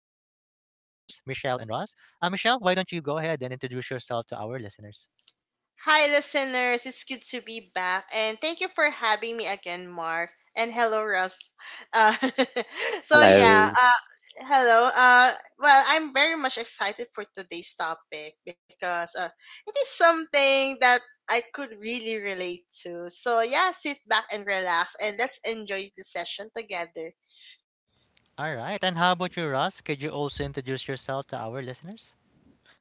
Michelle and Ross. Michelle, why don't you go ahead and introduce yourself to our listeners? Hi, listeners. It's good to be back. And thank you for having me again, Mark. And hello, Russ. Uh, so, yeah. Hello. Uh, hello. Well, I'm very much excited for today's topic because it is something that I could really relate to. So, yeah, sit back and relax and let's enjoy the session together. All right. And how about you, Ross? Could you also introduce yourself to our listeners?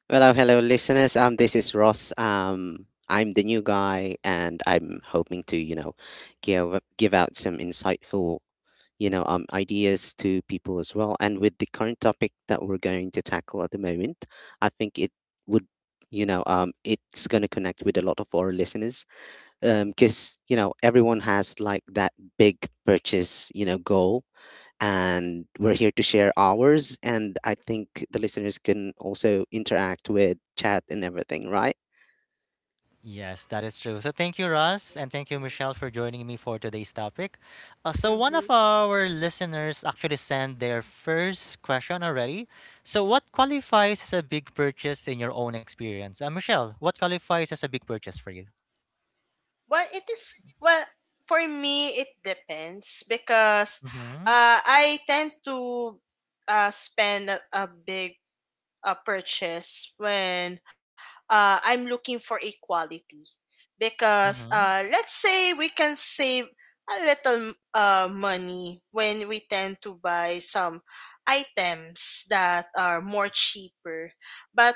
Hello, hello, listeners. This is Ross. I'm the new guy, and I'm hoping to, give out some insightful, ideas to people as well. And with the current topic that we're going to tackle at the moment, I think it would, you know, it's going to connect with a lot of our listeners. Because everyone has like that big purchase, goal, and we're here to share ours. And I think the listeners can also interact with chat and everything, right? Yes, that is true. So thank you, Russ, and thank you, Mm-hmm. Michelle, for joining me for today's topic. So one of Mm-hmm. our listeners actually sent their first question already. So what qualifies as a big purchase in your own experience? Michelle, what qualifies as a big purchase for you? Well, for me, it depends because Mm-hmm. I tend to spend a big purchase when I'm looking for equality. Because Mm-hmm. Let's say we can save a little money when we tend to buy some items that are more cheaper, but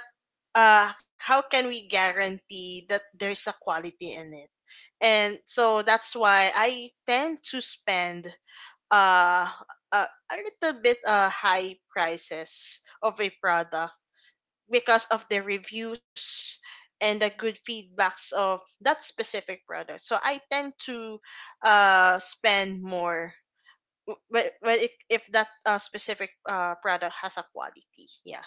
how can we guarantee that there's a quality in it? And so that's why I tend to spend uh, a little bit high prices of a product because of the reviews and the good feedbacks of that specific product. So I tend to spend more if that specific product has a quality. Yeah.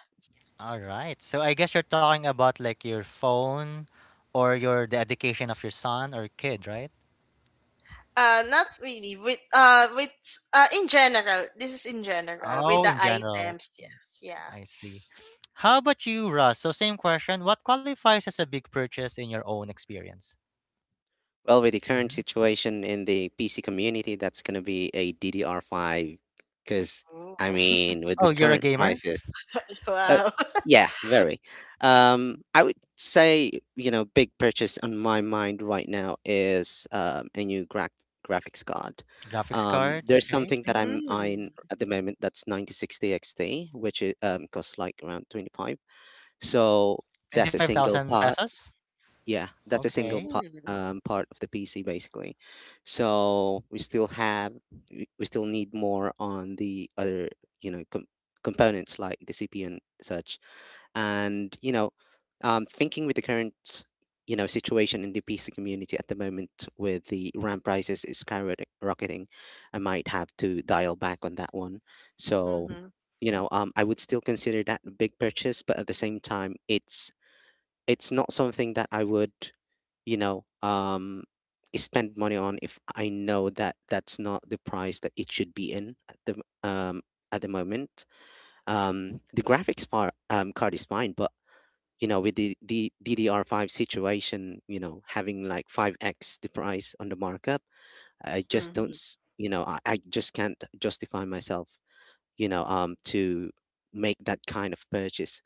All right. So I guess you're talking about like your phone or your the education of your son or kid, right? Not really. With In general, this is in general with Oh, the in general. items. Yes, yeah. I see. How about you, Russ? So same question. What qualifies as a big purchase in your own experience? Well, with the current Hmm. situation in the PC community, that's going to be a DDR5 because, Ooh. I mean, with the Oh, you're a current gamer? prices. Uh, Wow. yeah, very. I would say, big purchase on my mind right now is a new graphics card. Graphics Um, card, there's okay. something that I'm eyeing Mm. at the moment that's 9060 XT, which costs like around 25. So that's a single 25,000 part. pesos? Yeah, that's a single Okay. part. Mm. Part of the PC, basically, so we still need more on the other you know com- components like the CPU and such. And thinking with the current situation in the PC community at the moment, with the RAM prices is skyrocketing, I might have to dial back on that one. So, Mhm. I would still consider that a big purchase, but at the same time, it's not something that I would you know um spend money on if I know that that's not the price that it should be in m- um at the moment. The graphics card is fine, but with the DDR5 situation, having like 5x the price on the markup, Mhm. I just can't justify myself, to make that kind of purchase.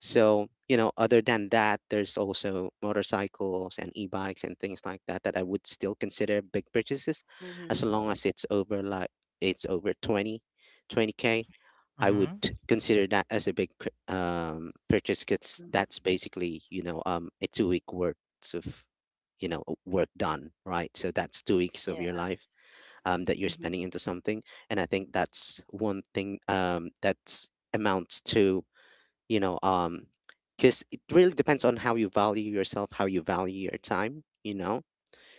So, other than that, there's also motorcycles and e-bikes and things like that that I would still consider big purchases, as Mhm. long as it's over twenty k. I would Mm-hmm. consider that as a big purchase, because that's Mhm. basically, a 2 week worth of, work done, right? So that's 2 weeks of Yeah. your life, that you're Mhm. spending into something. And I think that's one thing that's amounts to, you know, Because it really depends on how you value yourself, how you value your time,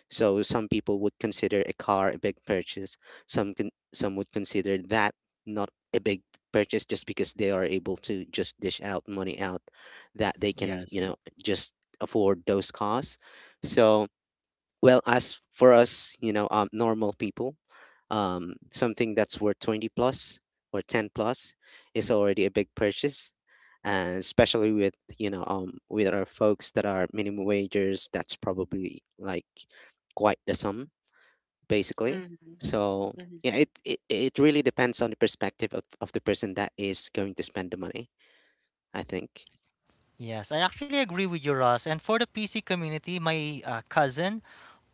so some people would consider a car a big purchase. Some would consider that not a big purchase, just because they are able to just dish out money out that they can, Yes. Just afford those costs. So, well, as for us, normal people, something that's worth 20 plus or 10 plus is already a big purchase. And especially with our folks that are minimum wagers, that's probably like quite the sum, basically. Mhm. So, Mhm. yeah, it really depends on the perspective of the person that is going to spend the money, I think. Yes, I actually agree with you, Ross. And for the PC community, my cousin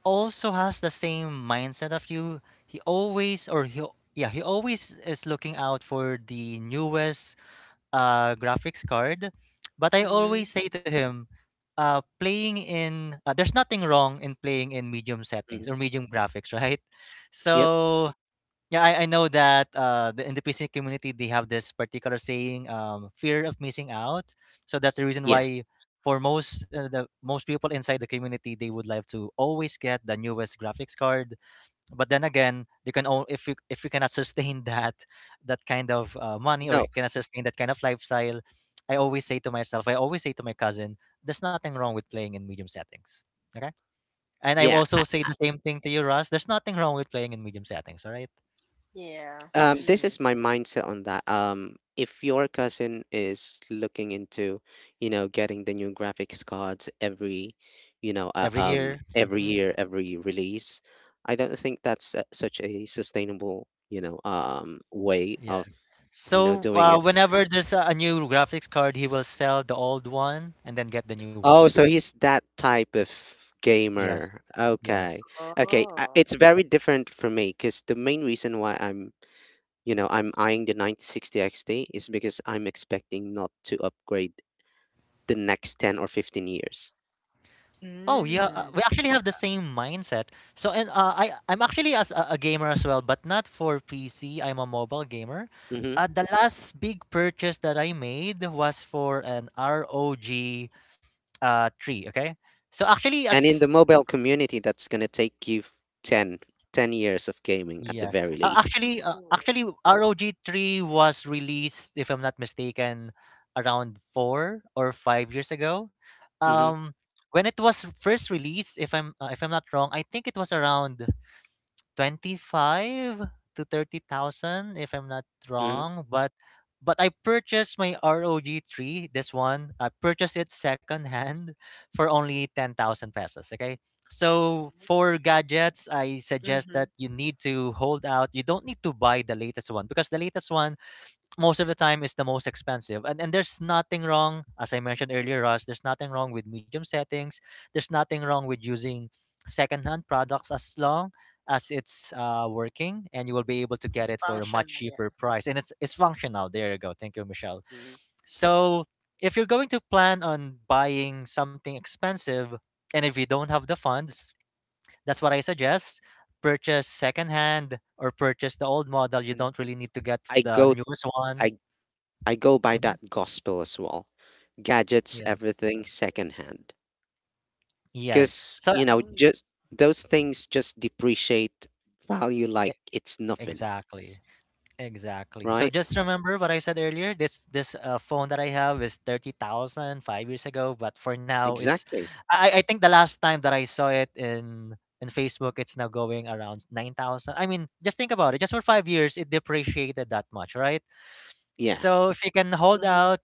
also has the same mindset of you. He always, or he, yeah, he always is looking out for the newest graphics card. But I always Mhm. say to him, playing in there's nothing wrong in playing in medium Mhm. settings or medium graphics, right? Yep. So yeah, I know that in the PC community they have this particular saying, fear of missing out. So that's the reason Yeah. why for most the most people inside the community they would like to always get the newest graphics card, but then again you can only if you cannot sustain that kind of money, or No. you cannot sustain that kind of lifestyle. I always say to myself, I always say to my cousin, there's nothing wrong with playing in medium settings. Okay. And I Yeah. also say the same thing to you, Russ. There's nothing wrong with playing in medium settings. All right. Yeah. This Mm. is my mindset on that. If your cousin is looking into, getting the new graphics cards every, you know, uh, Every um, year. every Hmm. year, every release, I don't think that's such a sustainable, way Yeah, of, so doing it. whenever there's a new graphics card, he will sell the old one and then get the new one. Oh, so he's that type of Yes. gamer. Yes. Okay, okay. Oh. It's very different for me, because the main reason why I'm you know I'm eyeing the 9060 XT is because I'm expecting not to upgrade the next 10 or 15 years. Oh yeah, Mm. we actually have the same mindset. So and I'm actually as a gamer as well, but not for PC. I'm a mobile gamer. Hmm. The last big purchase that I made was for an ROG tree. Okay, so actually And in it's the mobile community, that's going to take you f- 10 ten years of gaming, at the Mm. yes. very Uh, least. actually, uh, Cool. actually ROG three was released, if I'm not mistaken, around 4 or 5 years ago. Hmm. Um, when it was first released, if I'm not wrong, I think it was around 25 to 30,000 if I'm not Hmm. wrong, but I purchased my ROG 3, this one. I purchased it secondhand for only 10,000 pesos, okay? So for gadgets, I suggest that Mhm. you need to hold out. You don't need to buy the latest one because the latest one most of the time is the most expensive. And there's nothing wrong, as I mentioned earlier, Ross, there's nothing wrong with medium settings. There's nothing wrong with using secondhand products as long as it's working and you will be able to get It's it for a much functional, yeah. cheaper price. And it's functional. There you go. Thank you, Michelle. Hmm. So if you're going to plan on buying something expensive and if you don't have the funds, that's what I suggest. Purchase secondhand or purchase the old model. You And don't really need to get i the go newest i one. I go by Hmm. that gospel as well. Gadgets, Yes. everything secondhand. Yes. Because So Mm. just those things just depreciate value like e- it's nothing, exactly. Exactly. So right? just remember what I said earlier. This phone that I have is thirty thousand five years ago, but for now it's Exactly. I think the last time that I saw it in Facebook, it's now going around 9,000. I mean, just think about it. Just for 5 years it depreciated that much, right? Yeah. So if you can hold Mhm. out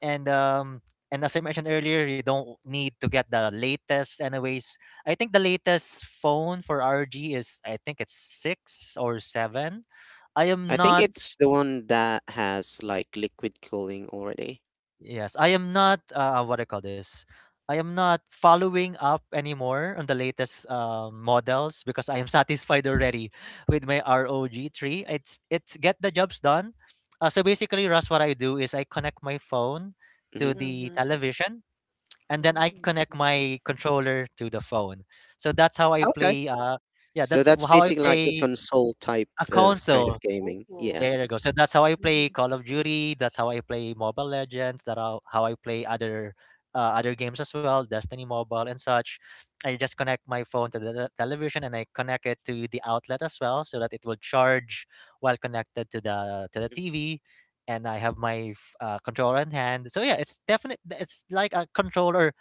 and um and as I mentioned earlier, you don't need to get the latest anyways. I think the latest phone for RG is, I think it's 6 or 7. I am I think not. it's the one that has like liquid cooling already. Yes, I am not, what do I call this? I am not following up anymore on the latest models because I am satisfied already with my ROG 3. It's get the jobs done. So basically, Russ, what I do is I connect my phone to Hmm. the Mhm. television and then I Mm. connect my controller to the phone. So that's how I Okay. play. Yeah, So that's that's how I basically like a play console type a of kind of console. gaming. Ooh. Yeah. There you go. So that's how I play Mhm. Call of Duty. That's how I play Mobile Legends. That how I play other games as well, Destiny Mobile and such. I just connect my phone to the television and I connect it to the outlet as well, so that it will charge while connected to the Mhm. TV. And I have my controller in hand. So yeah, it's definite. It's like a controller,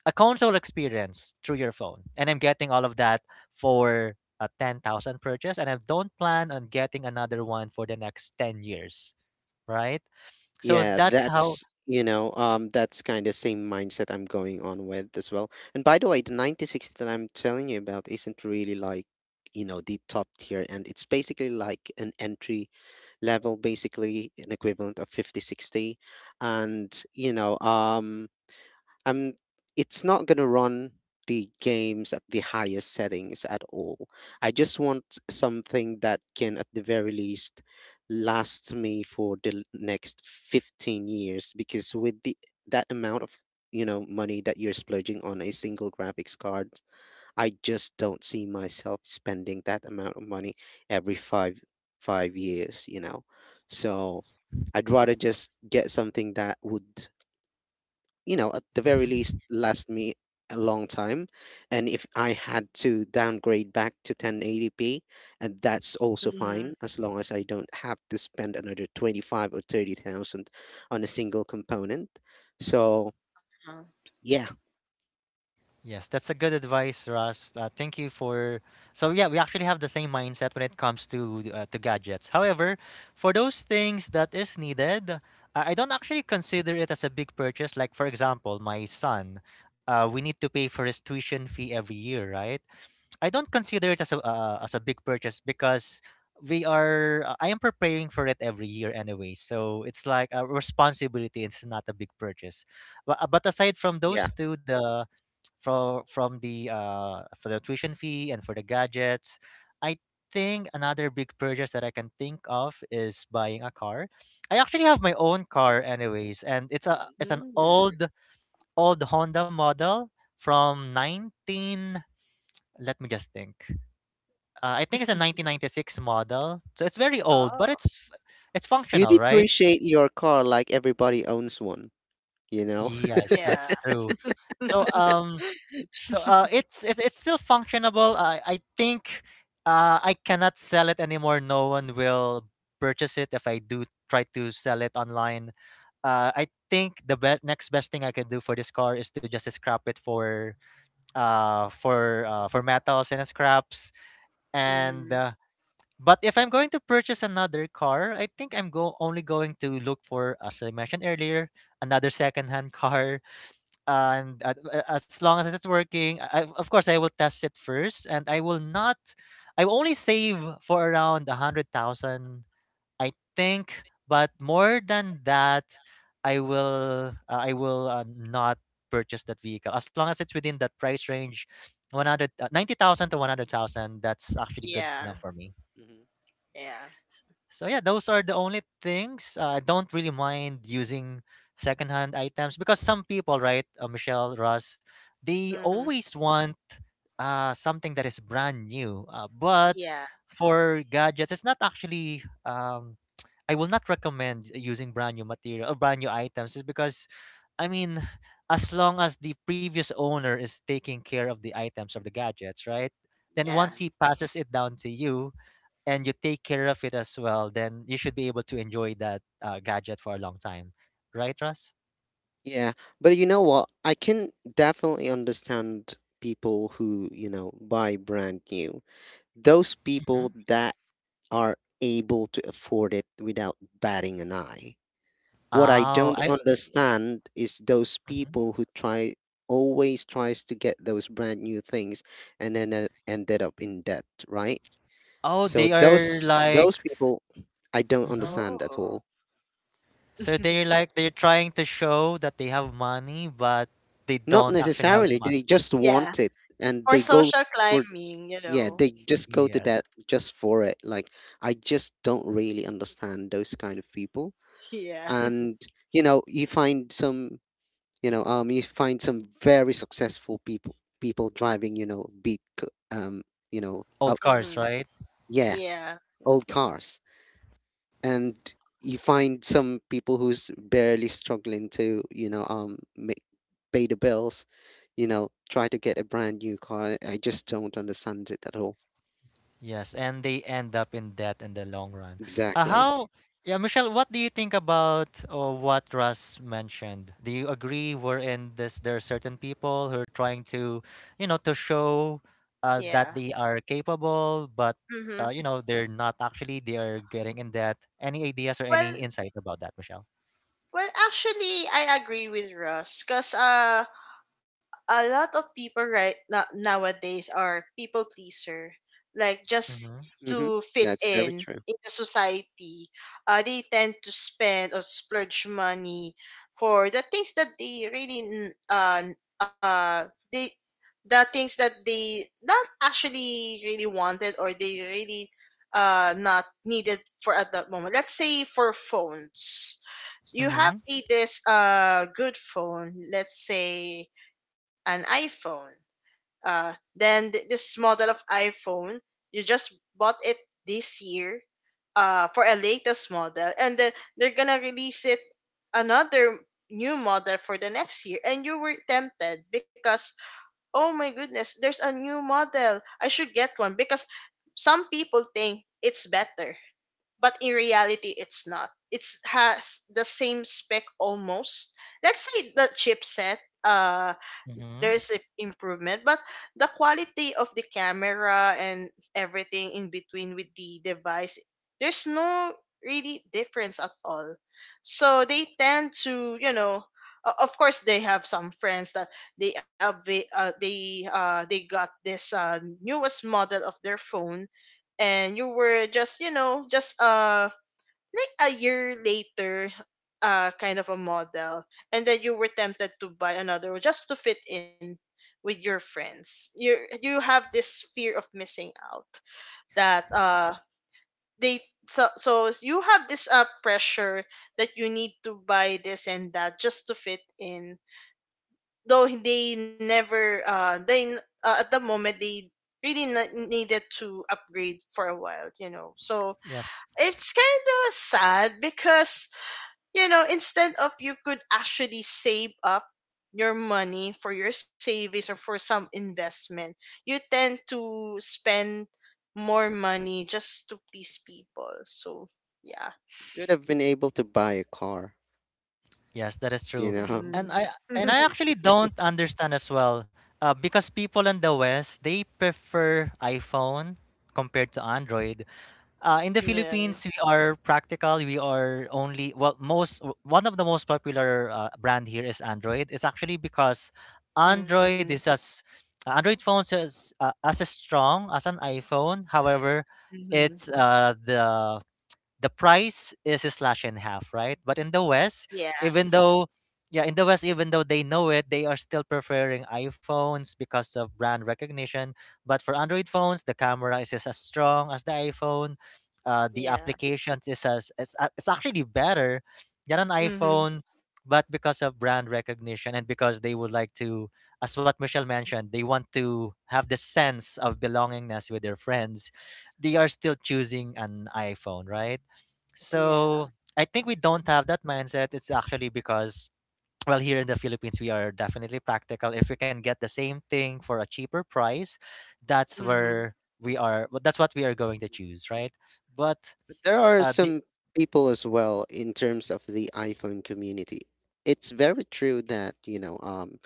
a console experience through your phone, and I'm getting all of that for a 10,000 purchase and I don't plan on getting another one for the next 10 years, right? So Yeah, that's how. that's kind of same mindset I'm going on with as well. And by the way, the 96 that I'm telling you about isn't really like, the top tier, and it's basically like an entry level, basically an equivalent of 5060. And, I'm, it's not going to run the games at the highest settings at all. I just want something that can, at the very least, last me for the next 15 years, because with the that amount of money that you're splurging on a single graphics card, I just don't see myself spending that amount of money every five years. So I'd rather just get something that would, at the very least, Mhm. last me a long time. And if I had to downgrade back to 1080p, and that's also fine, Mhm. as long as I don't have to spend another 25 or 30,000 on a single component. So, Uh, yeah, Yes, that's a good advice, Russ. Thank you for. So yeah, we actually have the same mindset when it comes to to gadgets. However, for those things that is needed, I don't actually consider it as a big purchase. Like for example, my son, we need to pay for his tuition fee every year, right? I don't consider it as a big purchase because we are I am preparing for it every year anyway. So it's like a responsibility. It's not a big purchase. But aside from yeah. those two, the for the tuition fee and for the gadgets, I think another big purchase that I can think of is buying a car. I actually have my own car anyways, and it's a Mhm. it's an Mm. old Honda model from 19. Let me just think. I think it's a 1996 model, so it's very old, but Oh, it's You functional, right? depreciate your car like everybody owns one, you know? Yes, yeah. that's true. So it's still functionable. I think, I cannot sell it anymore. No one will purchase it if I do try to sell it online. I think the best next best thing I can do for this car is to just scrap it for metals and scraps and Mm. But if I'm going to purchase another car, I think I'm go only going to look for, as I mentioned earlier, another secondhand car. And as long as it's working, I, of course, I will test it first, and I will not. I will only save for around 100,000, I think. But more than that, I will not purchase that vehicle as long as it's within that price range, one hundred 90,000 to 100,000. That's actually good Yeah. enough for me. Mm-hmm. Yeah. S- So yeah, those are the only things. I don't really mind using secondhand items because some people, right, Michelle, Ross, they Mhm. always want something that is brand new. But Yeah. for gadgets, it's not actually. I will not recommend using brand new material or brand new items, is because, I mean, as long as the previous owner is taking care of the items of the gadgets, right? Then once Yeah. Mm-hmm. he passes it down to you, and you take care of it as well, then you should be able to enjoy that gadget for a long time, right, Russ? Yeah, but you know what? I can definitely understand people who, buy brand new. Those Mm-hmm. people that are able to afford it without batting an eye. What I Oh, don't I. understand is those Mhm. people who try always tries to get those brand new things, and then ended up in debt, right? Oh, So they are those like. those people I don't Hmm. understand at Oh. all. So they're like, they're trying to show that they have money, but they Not don't actually have necessarily. money. They just Yeah. want it, and For social for, climbing, you yeah, know. they just go to Yes, that just for it. Like, I just don't really understand those kind of people. Yeah. And, you find some, you know, you find some very successful people, people driving, beat, c- you know, oh, old cars, Mhm. right? yeah, Yeah. old cars. And you find some people who's barely struggling to pay the bills, try to get a brand new car. I just don't understand it at all. Yes, and they end up in debt in the long run. Uh, Exactly. how, yeah, Michelle, what do you think about what Russ mentioned? Do you agree we're in this? There are certain people who are trying to show that Yeah. they are capable, but Mhm. They're not actually. They are getting in debt. Any ideas or any Well, insight about that, Michelle? well, actually I agree with Russ, cuz a lot of people right now nowadays are people pleaser, like just Mm-hmm. Hmm. to fit That's very true. in the society. They tend to spend or splurge money for the things that they uh they the things that they not actually really wanted, or they really not needed for at that moment. Let's say for phones. So you have Mm-hmm. a this good phone, let's say an iPhone. Then this model of iPhone, you just bought it this year for a latest model, and then they're gonna release it another new model for the next year, and you were tempted because oh my goodness, there's a new model. I should get one because some people think it's better, but in reality it's not, it's has the same spec almost. Let's say the chipset, uh there Mm-hmm. is a improvement, but the quality of the camera and everything in between with the device, there's no really difference at all. So they tend to, you know, of course they have some friends that they have they got this newest model of their phone, and you were just, you know, just like a year later kind of a model, and then you were tempted to buy another one just to fit in with your friends. You have this fear of missing out that they so, so you have this pressure that you need to buy this and that just to fit in, though they never they n- at the moment they needed to upgrade for a while, you know. So Yes. it's kind of sad because, you know, instead of you could actually save up your money for your savings or for some investment, you tend to spend more money just to please people. So yeah. You could have been able to buy a car Yes, that is you true. know And Mm. I and I actually don't understand as well, because people in the West they prefer iPhone compared to Android. In the Yeah. Philippines, we are practical. We are only well, most one of the most popular brand here is Android. It's actually because Mm-hmm. Android is as Android phones is as strong as an iPhone. However, Mm-hmm. it's the price is slashed in half, right? But in the West, Yeah. even though yeah, in the West, even though they know it, they are still preferring iPhones because of brand recognition. But for Android phones, the camera is just as strong as the iPhone. The Yeah. applications is as it's actually better than an Mm-hmm. iPhone, but because of brand recognition and because they would like to, as what Michelle mentioned, they want to have the sense of belongingness with their friends. They are still choosing an iPhone, right? Yeah. So I think we Uh, don't have that mindset. It's actually because, well, here in the Philippines, we are definitely practical. If we can get the same thing for a cheaper price, that's Mm-hmm. where That's what we are going to mhm. choose, right? But But there are uh, the, some people as well in terms of the iPhone community. It's very true that,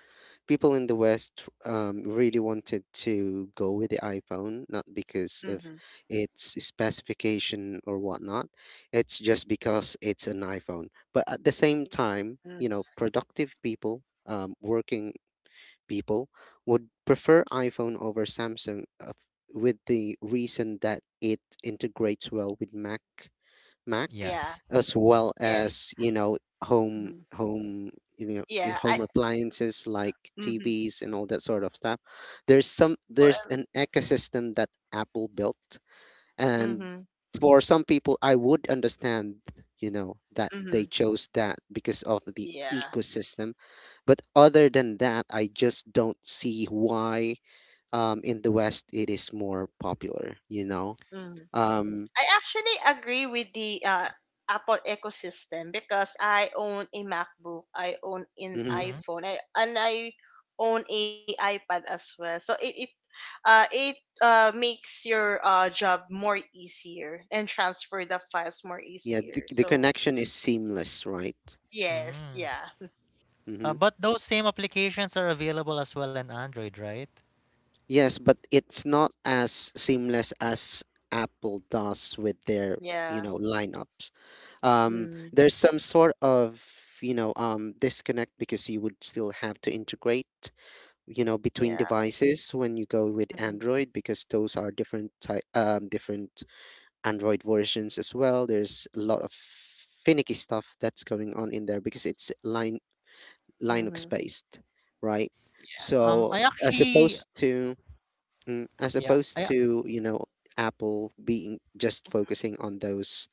people in the West really wanted to go with the iPhone, not because of Mm-hmm. its specification or whatnot. It's just because it's an iPhone. But at the same time, Mm. Productive working people would prefer iPhone over Samsung, with the reason that it integrates well with Mac, Yeah. yes. as Mm-hmm. well as Yes. you know home Mm-hmm. home you know I- yeah I home appliances like Mm-hmm. TVs and all that sort of stuff. There's some Well, there's an ecosystem that Apple built, and mm-hmm. for some people, I would understand that they Mm-hmm. chose that because of the Yeah. ecosystem. But other than that, I just don't see why in the West it is more popular Mm. um I actually agree with the Apple ecosystem, because I own a MacBook, I own an mhm. Mm-hmm. iPhone, I own a iPad as well. So it makes your job more easier and transfer the files more Yeah, the, easier. the So connection is seamless, right? yes, Mm. yeah, Mm-hmm. But those same applications are available as well in Android, right? Yes, but it's not as seamless as Apple does with their, yeah, lineups. Um, mm, there's some sort of, disconnect, because you would still have to integrate, between yeah, devices when you go with mm-hmm, Android, because those are different Android versions as well. There's a lot of finicky stuff that's going on in there, because it's line. Linux mm-hmm, based, right? Um, So I as actually, opposed to mm, as yeah, opposed to Apple being just focusing on those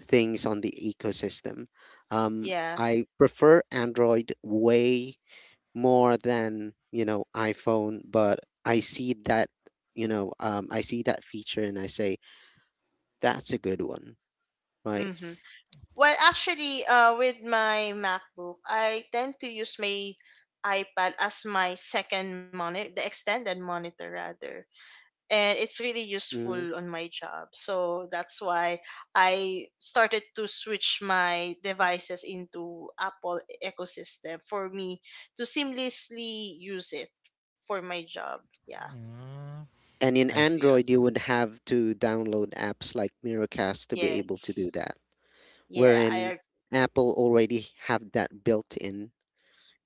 things on the ecosystem, um, yeah. I prefer Android way more than iPhone, but I see that I see that feature and I say that's a good one. Right. Well, actually, with my MacBook, I tend to use my iPad as my second monitor, the extended monitor rather, and it's really Mhm. useful on my job. So that's why I started to switch my devices into Apple ecosystem for me to seamlessly use it for my job. Yeah. mm, And in I see. Android, you would have to download apps like Miracast to be able to do Yes. that, Yeah. wherein I. Apple already have that built in.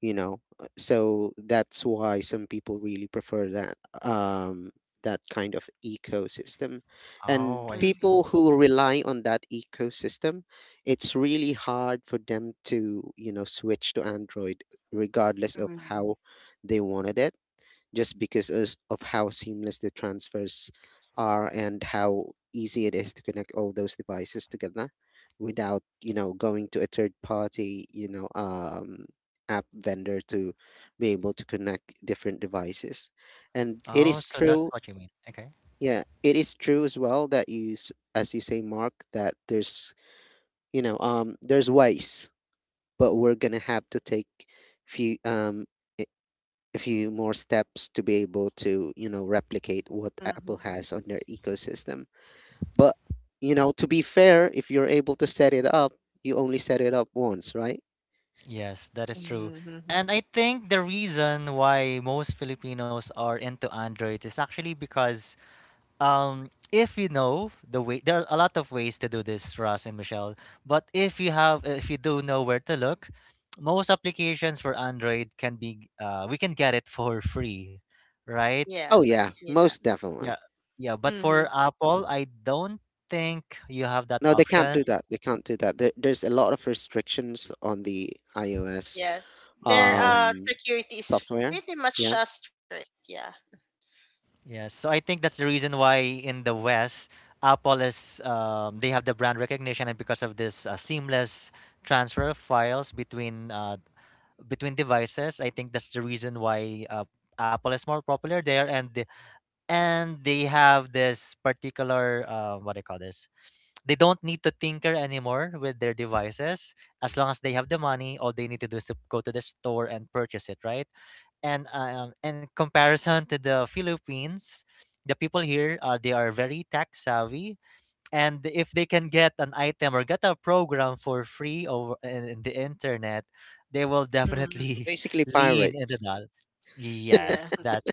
you know So that's why some people really prefer that kind of ecosystem, and Oh, I see. people Mm-hmm, who rely on that ecosystem, it's really hard for them to switch to Android regardless of mm-hmm, how they wanted it, just because of how seamless the transfers are, and how easy it is to connect all those devices together without going to a third party app vendor to be able to connect different devices. And it Oh, is so that's true. what you mean. Okay. Yeah, it is true as well that as you say, Mark, that there's you know there's ways, but we're gonna have to take few a few more steps to be able to, replicate what mm-hmm, Apple has on their ecosystem. But, to be fair, if you're able to set it up, you only set it up once, right? Yes, that is true. mm-hmm. Mm-hmm. And I think the reason why most Filipinos are into Androids is actually because if you know the way, there are a lot of ways to do this, Ross and Michelle. But if you do know where to look, most applications for Android can be, we can get it for free, right? Yeah. Oh yeah, Yeah. most Yeah, definitely. yeah. But for Mhm. Apple, I don't think you have that No, they can't option. do that. They can't do that. There's a lot of restrictions on the iOS. Yeah. Their Yes. Um, security is Software? pretty much Yeah. Strict. Yeah. Yes, so I think that's the reason why in the West, Apple is they have the brand recognition, and because of this seamless transfer of files between between devices, I think that's the reason why Apple is more popular there, and and they have this particular what do you call this they don't need to tinker anymore with their devices as Mhm. long as they have the money, all they need to do is to go to the store and purchase it, right? And in comparison to the Philippines, the people here, they are very tech savvy, and if they can get an item or get a program for free over in the internet, they will Mm-hmm. We're definitely basically lean into pirates. that. yes Yeah. that's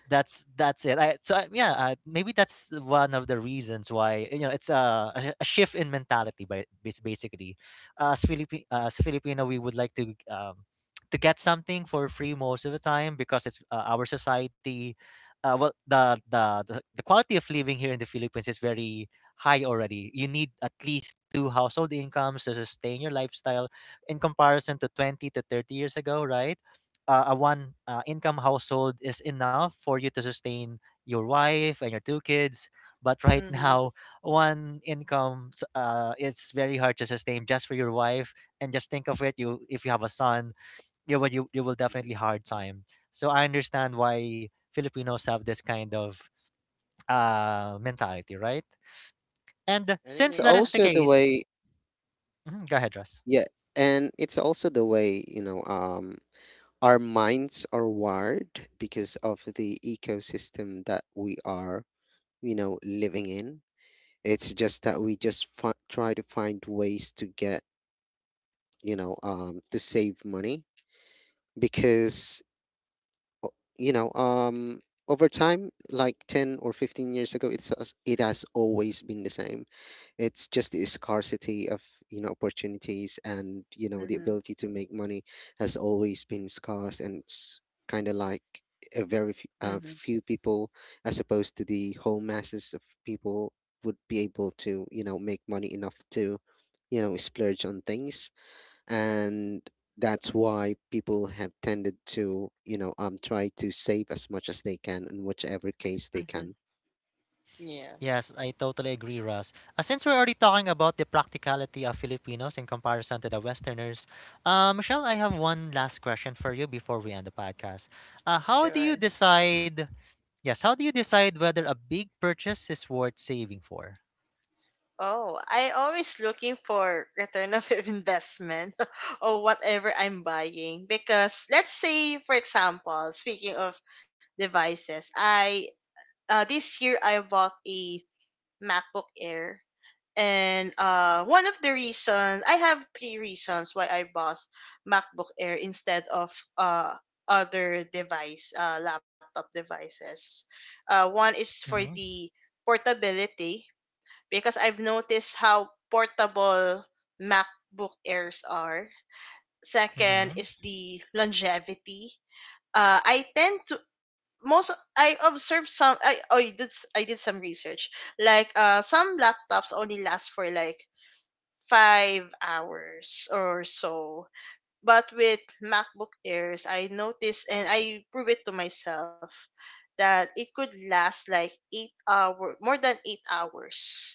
that's it. Yeah, maybe that's one of the reasons why, you know, it's a shift in mentality. Basically, as Philippi as Filipino, we would like to get something for free most of the time because it's our society. Well, the quality of living here in the Philippines is very high already. You need at least two household incomes to sustain your lifestyle, in comparison to 20 to 30 years ago, right? Uh, a one income household is enough for you to sustain your wife and your two kids, but right Mm-hmm. now one income it's very hard to sustain just for your wife. And just think of it, you if you have a son, you will Mhm. definitely hard time. So I understand why Filipinos have this kind of mentality, right? And And it's since that Yeah. is the also the case, way, mhm, go ahead Russ. Yeah, and it's also the way, our minds are wired because of the ecosystem that we are, living in. It's just that we just try to find ways to get, to save money, because o- you know um over time, like 10 or 15 years ago, it's it has always been the same. It's just the scarcity of, opportunities, and the Mm-hmm. ability to make money has always been scarce. And it's kind of like a very few, Mm-hmm. uh, few people, as opposed to the whole masses of people, would be able to make money enough to splurge on things. And that's why people have tended to try to save as much as they can in whichever case they Mm-hmm. can. Yeah. Yes, I totally agree, Ross. Since we're already talking about the practicality of Filipinos in comparison to the Westerners, Michelle, I have one last question for you before we end the podcast. How do you Sure. decide? Yes, how do you decide whether a big purchase is worth saving for? Oh, I always looking for return of investment or whatever I'm buying, because let's say for example, speaking of devices, I this year I bought a MacBook Air. And one of the reasons, I have three reasons why I bought MacBook Air instead of uh other device, laptop devices. One is for Mm-hmm. the portability, because I've noticed how portable MacBook Airs are. Second Mm-hmm. is the longevity. I tend to most I observed some, I did some research, like some laptops only last for like 5 hours or so. But with MacBook Airs, I noticed and I prove it to myself that it could last like eight-hour more than 8 hours.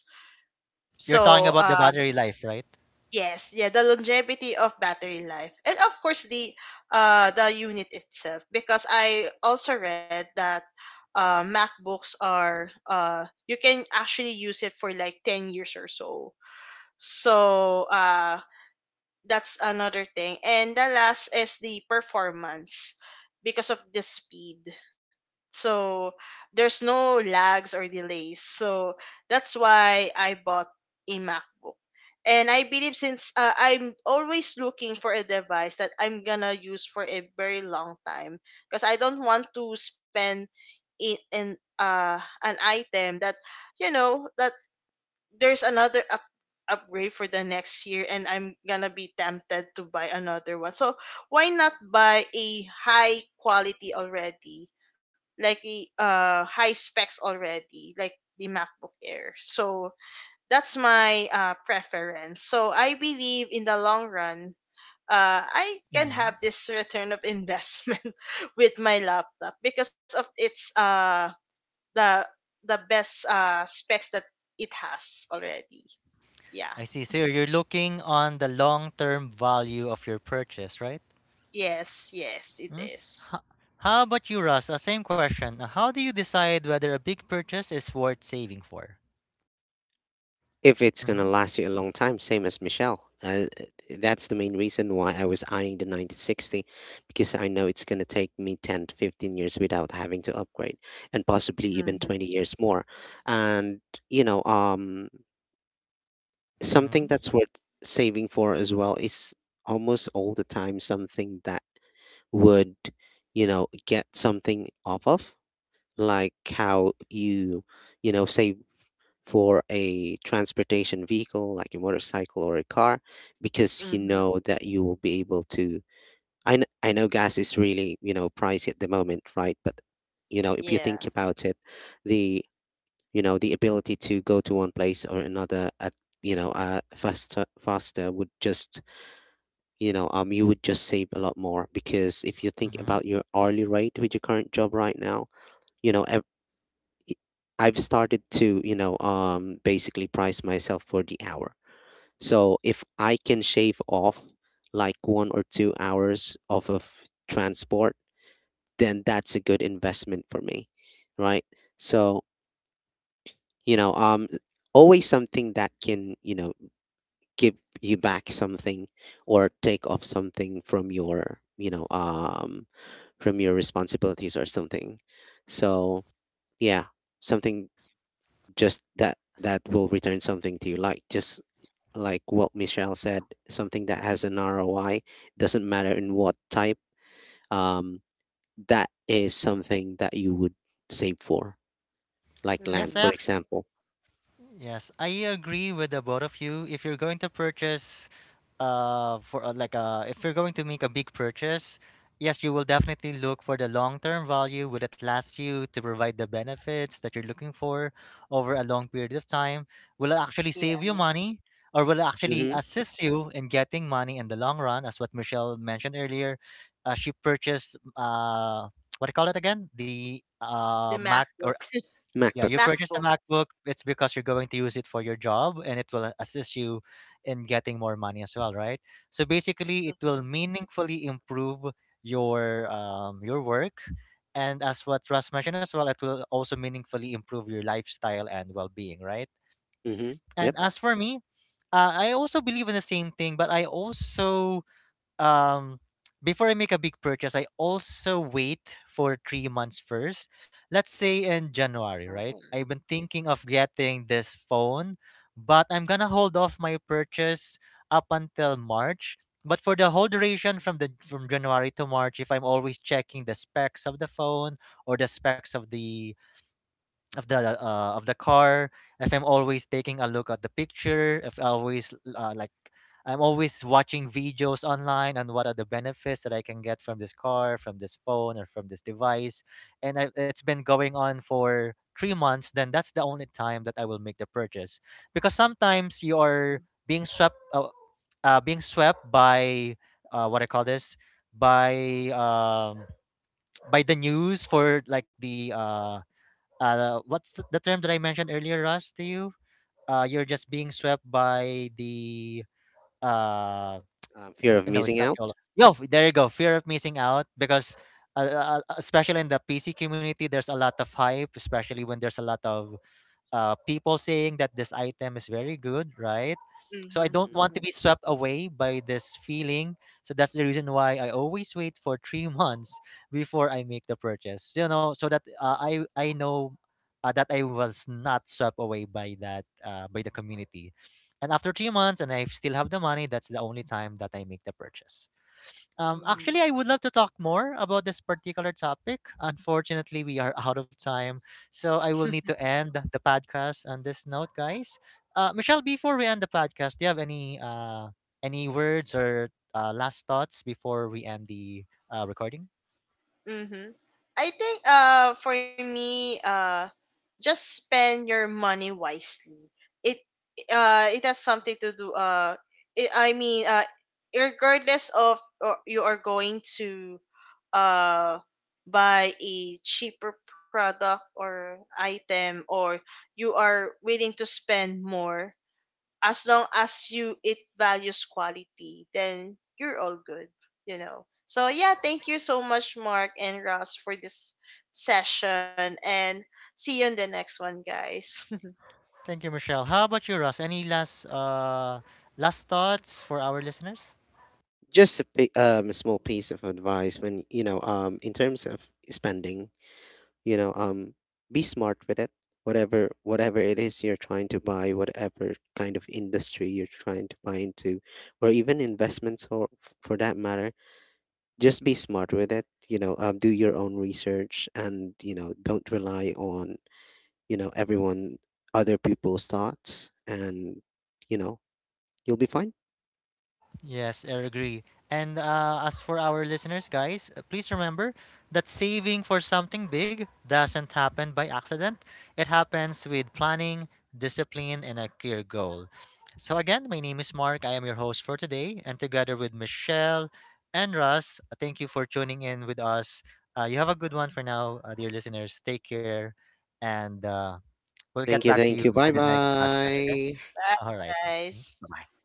You're talking So about the uh, battery life, right? yes, yeah, the longevity of battery life. And of course the unit itself. Because I also read that MacBooks are, uh, you can actually use it for like 10 years or so. So uh, that's another thing. And the last is the performance because of the speed. So there's no lags or delays. So that's why I bought a MacBook. And I believe since I'm always looking for a device that I'm gonna use for a very long time, because I don't want to spend in an item that, you know, that there's another upgrade for the next year and I'm gonna be tempted to buy another one. So why not buy a high quality already? Like a high specs already, like the MacBook Air. So that's my preference. So I believe in the long run, I can have Mm-hmm. this return of investment with my laptop because of its the the best specs that it has already. Yeah. I see. So you're looking on the long-term value of your purchase, right? Yes. Yes. It Mm. is. Ho- How about you, Ross? Same question. How do you decide whether a big purchase is worth saving for? If it's going to Mm-hmm. last you a long time, same as Michelle, that's the main reason why I was eyeing the 9060, because I know it's going to take me 10 to 15 years without having to upgrade, and possibly Mhm. even 20 years more. And you know um something Mm-hmm. that's worth saving for as well is almost all the time something that would get something off of, like how you you know save for a transportation vehicle like a motorcycle or a car, because you Mhm. know that you will be able to. I know gas is really, pricey at the moment, right? But, if you Yeah. think about it, the you know the ability to go to one place or another at faster, faster would just you would just save a lot more, because if you think Mm-hmm. about your hourly rate with your current job right now, you know, ev- i- I've started to, basically price myself for the hour. So if I can shave off like 1 or 2 hours off of transport, then that's a good investment for me, right? So, you know, um, always something that can, give you back something, or take off something from your responsibilities or something. So yeah, something just that will return something to you, just like what Michelle said, something that has an ROI. Doesn't matter in what type. Um, that is something that you would save for, like Yes, land, I Mhm. for example. Yes, I agree with the both of you. If you're going to purchase, for if you're going to make a big purchase, yes, you will definitely look for the long-term value. Will it last you to provide the benefits that you're looking for over a long period of time? Will it actually Yeah. save you money, or will it actually Mm-hmm. assist you in getting money in the long run? As what Michelle mentioned earlier, she purchased what do you call it again? The The Mac or MacBook. yeah, you MacBook. purchased a MacBook. MacBook. It's because you're going to use it for your job and it will assist you in getting more money as well, right? So basically, it will Mhm. meaningfully improve your work. And as what Russ mentioned as well, it will also meaningfully improve your lifestyle and well being, right? Mm-hmm. And Yep. as for me, I also believe in the same thing, but I also um before I make a big purchase, I also wait for 3 months first. Let's say in January, right? I've Mhm. been thinking of getting this phone, but I'm gonna hold off my purchase up until March. But for the whole duration from January to March, if I'm always checking the specs of the phone or the specs of the of the car, if I'm always taking a look at the picture, if I always I'm always watching videos online on what are the benefits that I can get from this car, from this phone, or from this device, and it's been going on for 3 months, then that's the only time that I will make the purchase. Because sometimes you are being swept uh, being swept by what I call this by um, by the news for like the what's the term that I mentioned earlier, Russ, to you? You're just being swept by the uh, Fear N- of No, missing it's not out. YOLO. There you go. Fear of missing out because, especially in the PC community, there's a lot of hype, especially when there's a lot of people saying that this item is very good, right? So I Mhm. don't Hmm. want to Mhm. be swept away by this feeling. So that's the reason why I always wait for three months before I make the purchase. You know, so that I know that I was not swept away by that by the community. And after 3 months, and I still have the money, that's the only time that I make the purchase. Mhm. Actually, I would love to talk more about this particular topic. Unfortunately, we are out of time, so I will need to end the podcast on this note, guys. Michelle, before we end the podcast, do you have any words or last thoughts before we end the recording? Mm-hmm. I think for me, just spend your money wisely. It it has something to do I mean, regardless of or you are going to uh buy a cheaper product or item, or you are willing to spend more, as long as you it values quality, then you're all good, you know. So yeah, thank you so much, Mark and Ross, for this session, and see you in the next one, guys. Thank you, Michelle. How about you, Ross? Any last thoughts for our listeners? Just a small piece of advice when, in terms of spending, you know, um, be smart with it. Whatever it is you're trying to buy, whatever kind of industry you're trying to buy into, or even investments for that matter, just be smart with it. Do your own research, and don't rely on everyone other people's thoughts, and you know you'll be fine. Yes, I agree. And as for our listeners, guys, please remember that saving for something big doesn't happen by accident. It happens with planning, discipline, and a clear goal. So, again, my name is Mark. I am your host for today. And together with Michelle and Russ, thank you for tuning in with us. You have a good one for now, dear listeners. Take care. And we'll get Thank you, back to you thank you. for Bye the next podcast, okay? bye. Bye, All right. guys. Bye.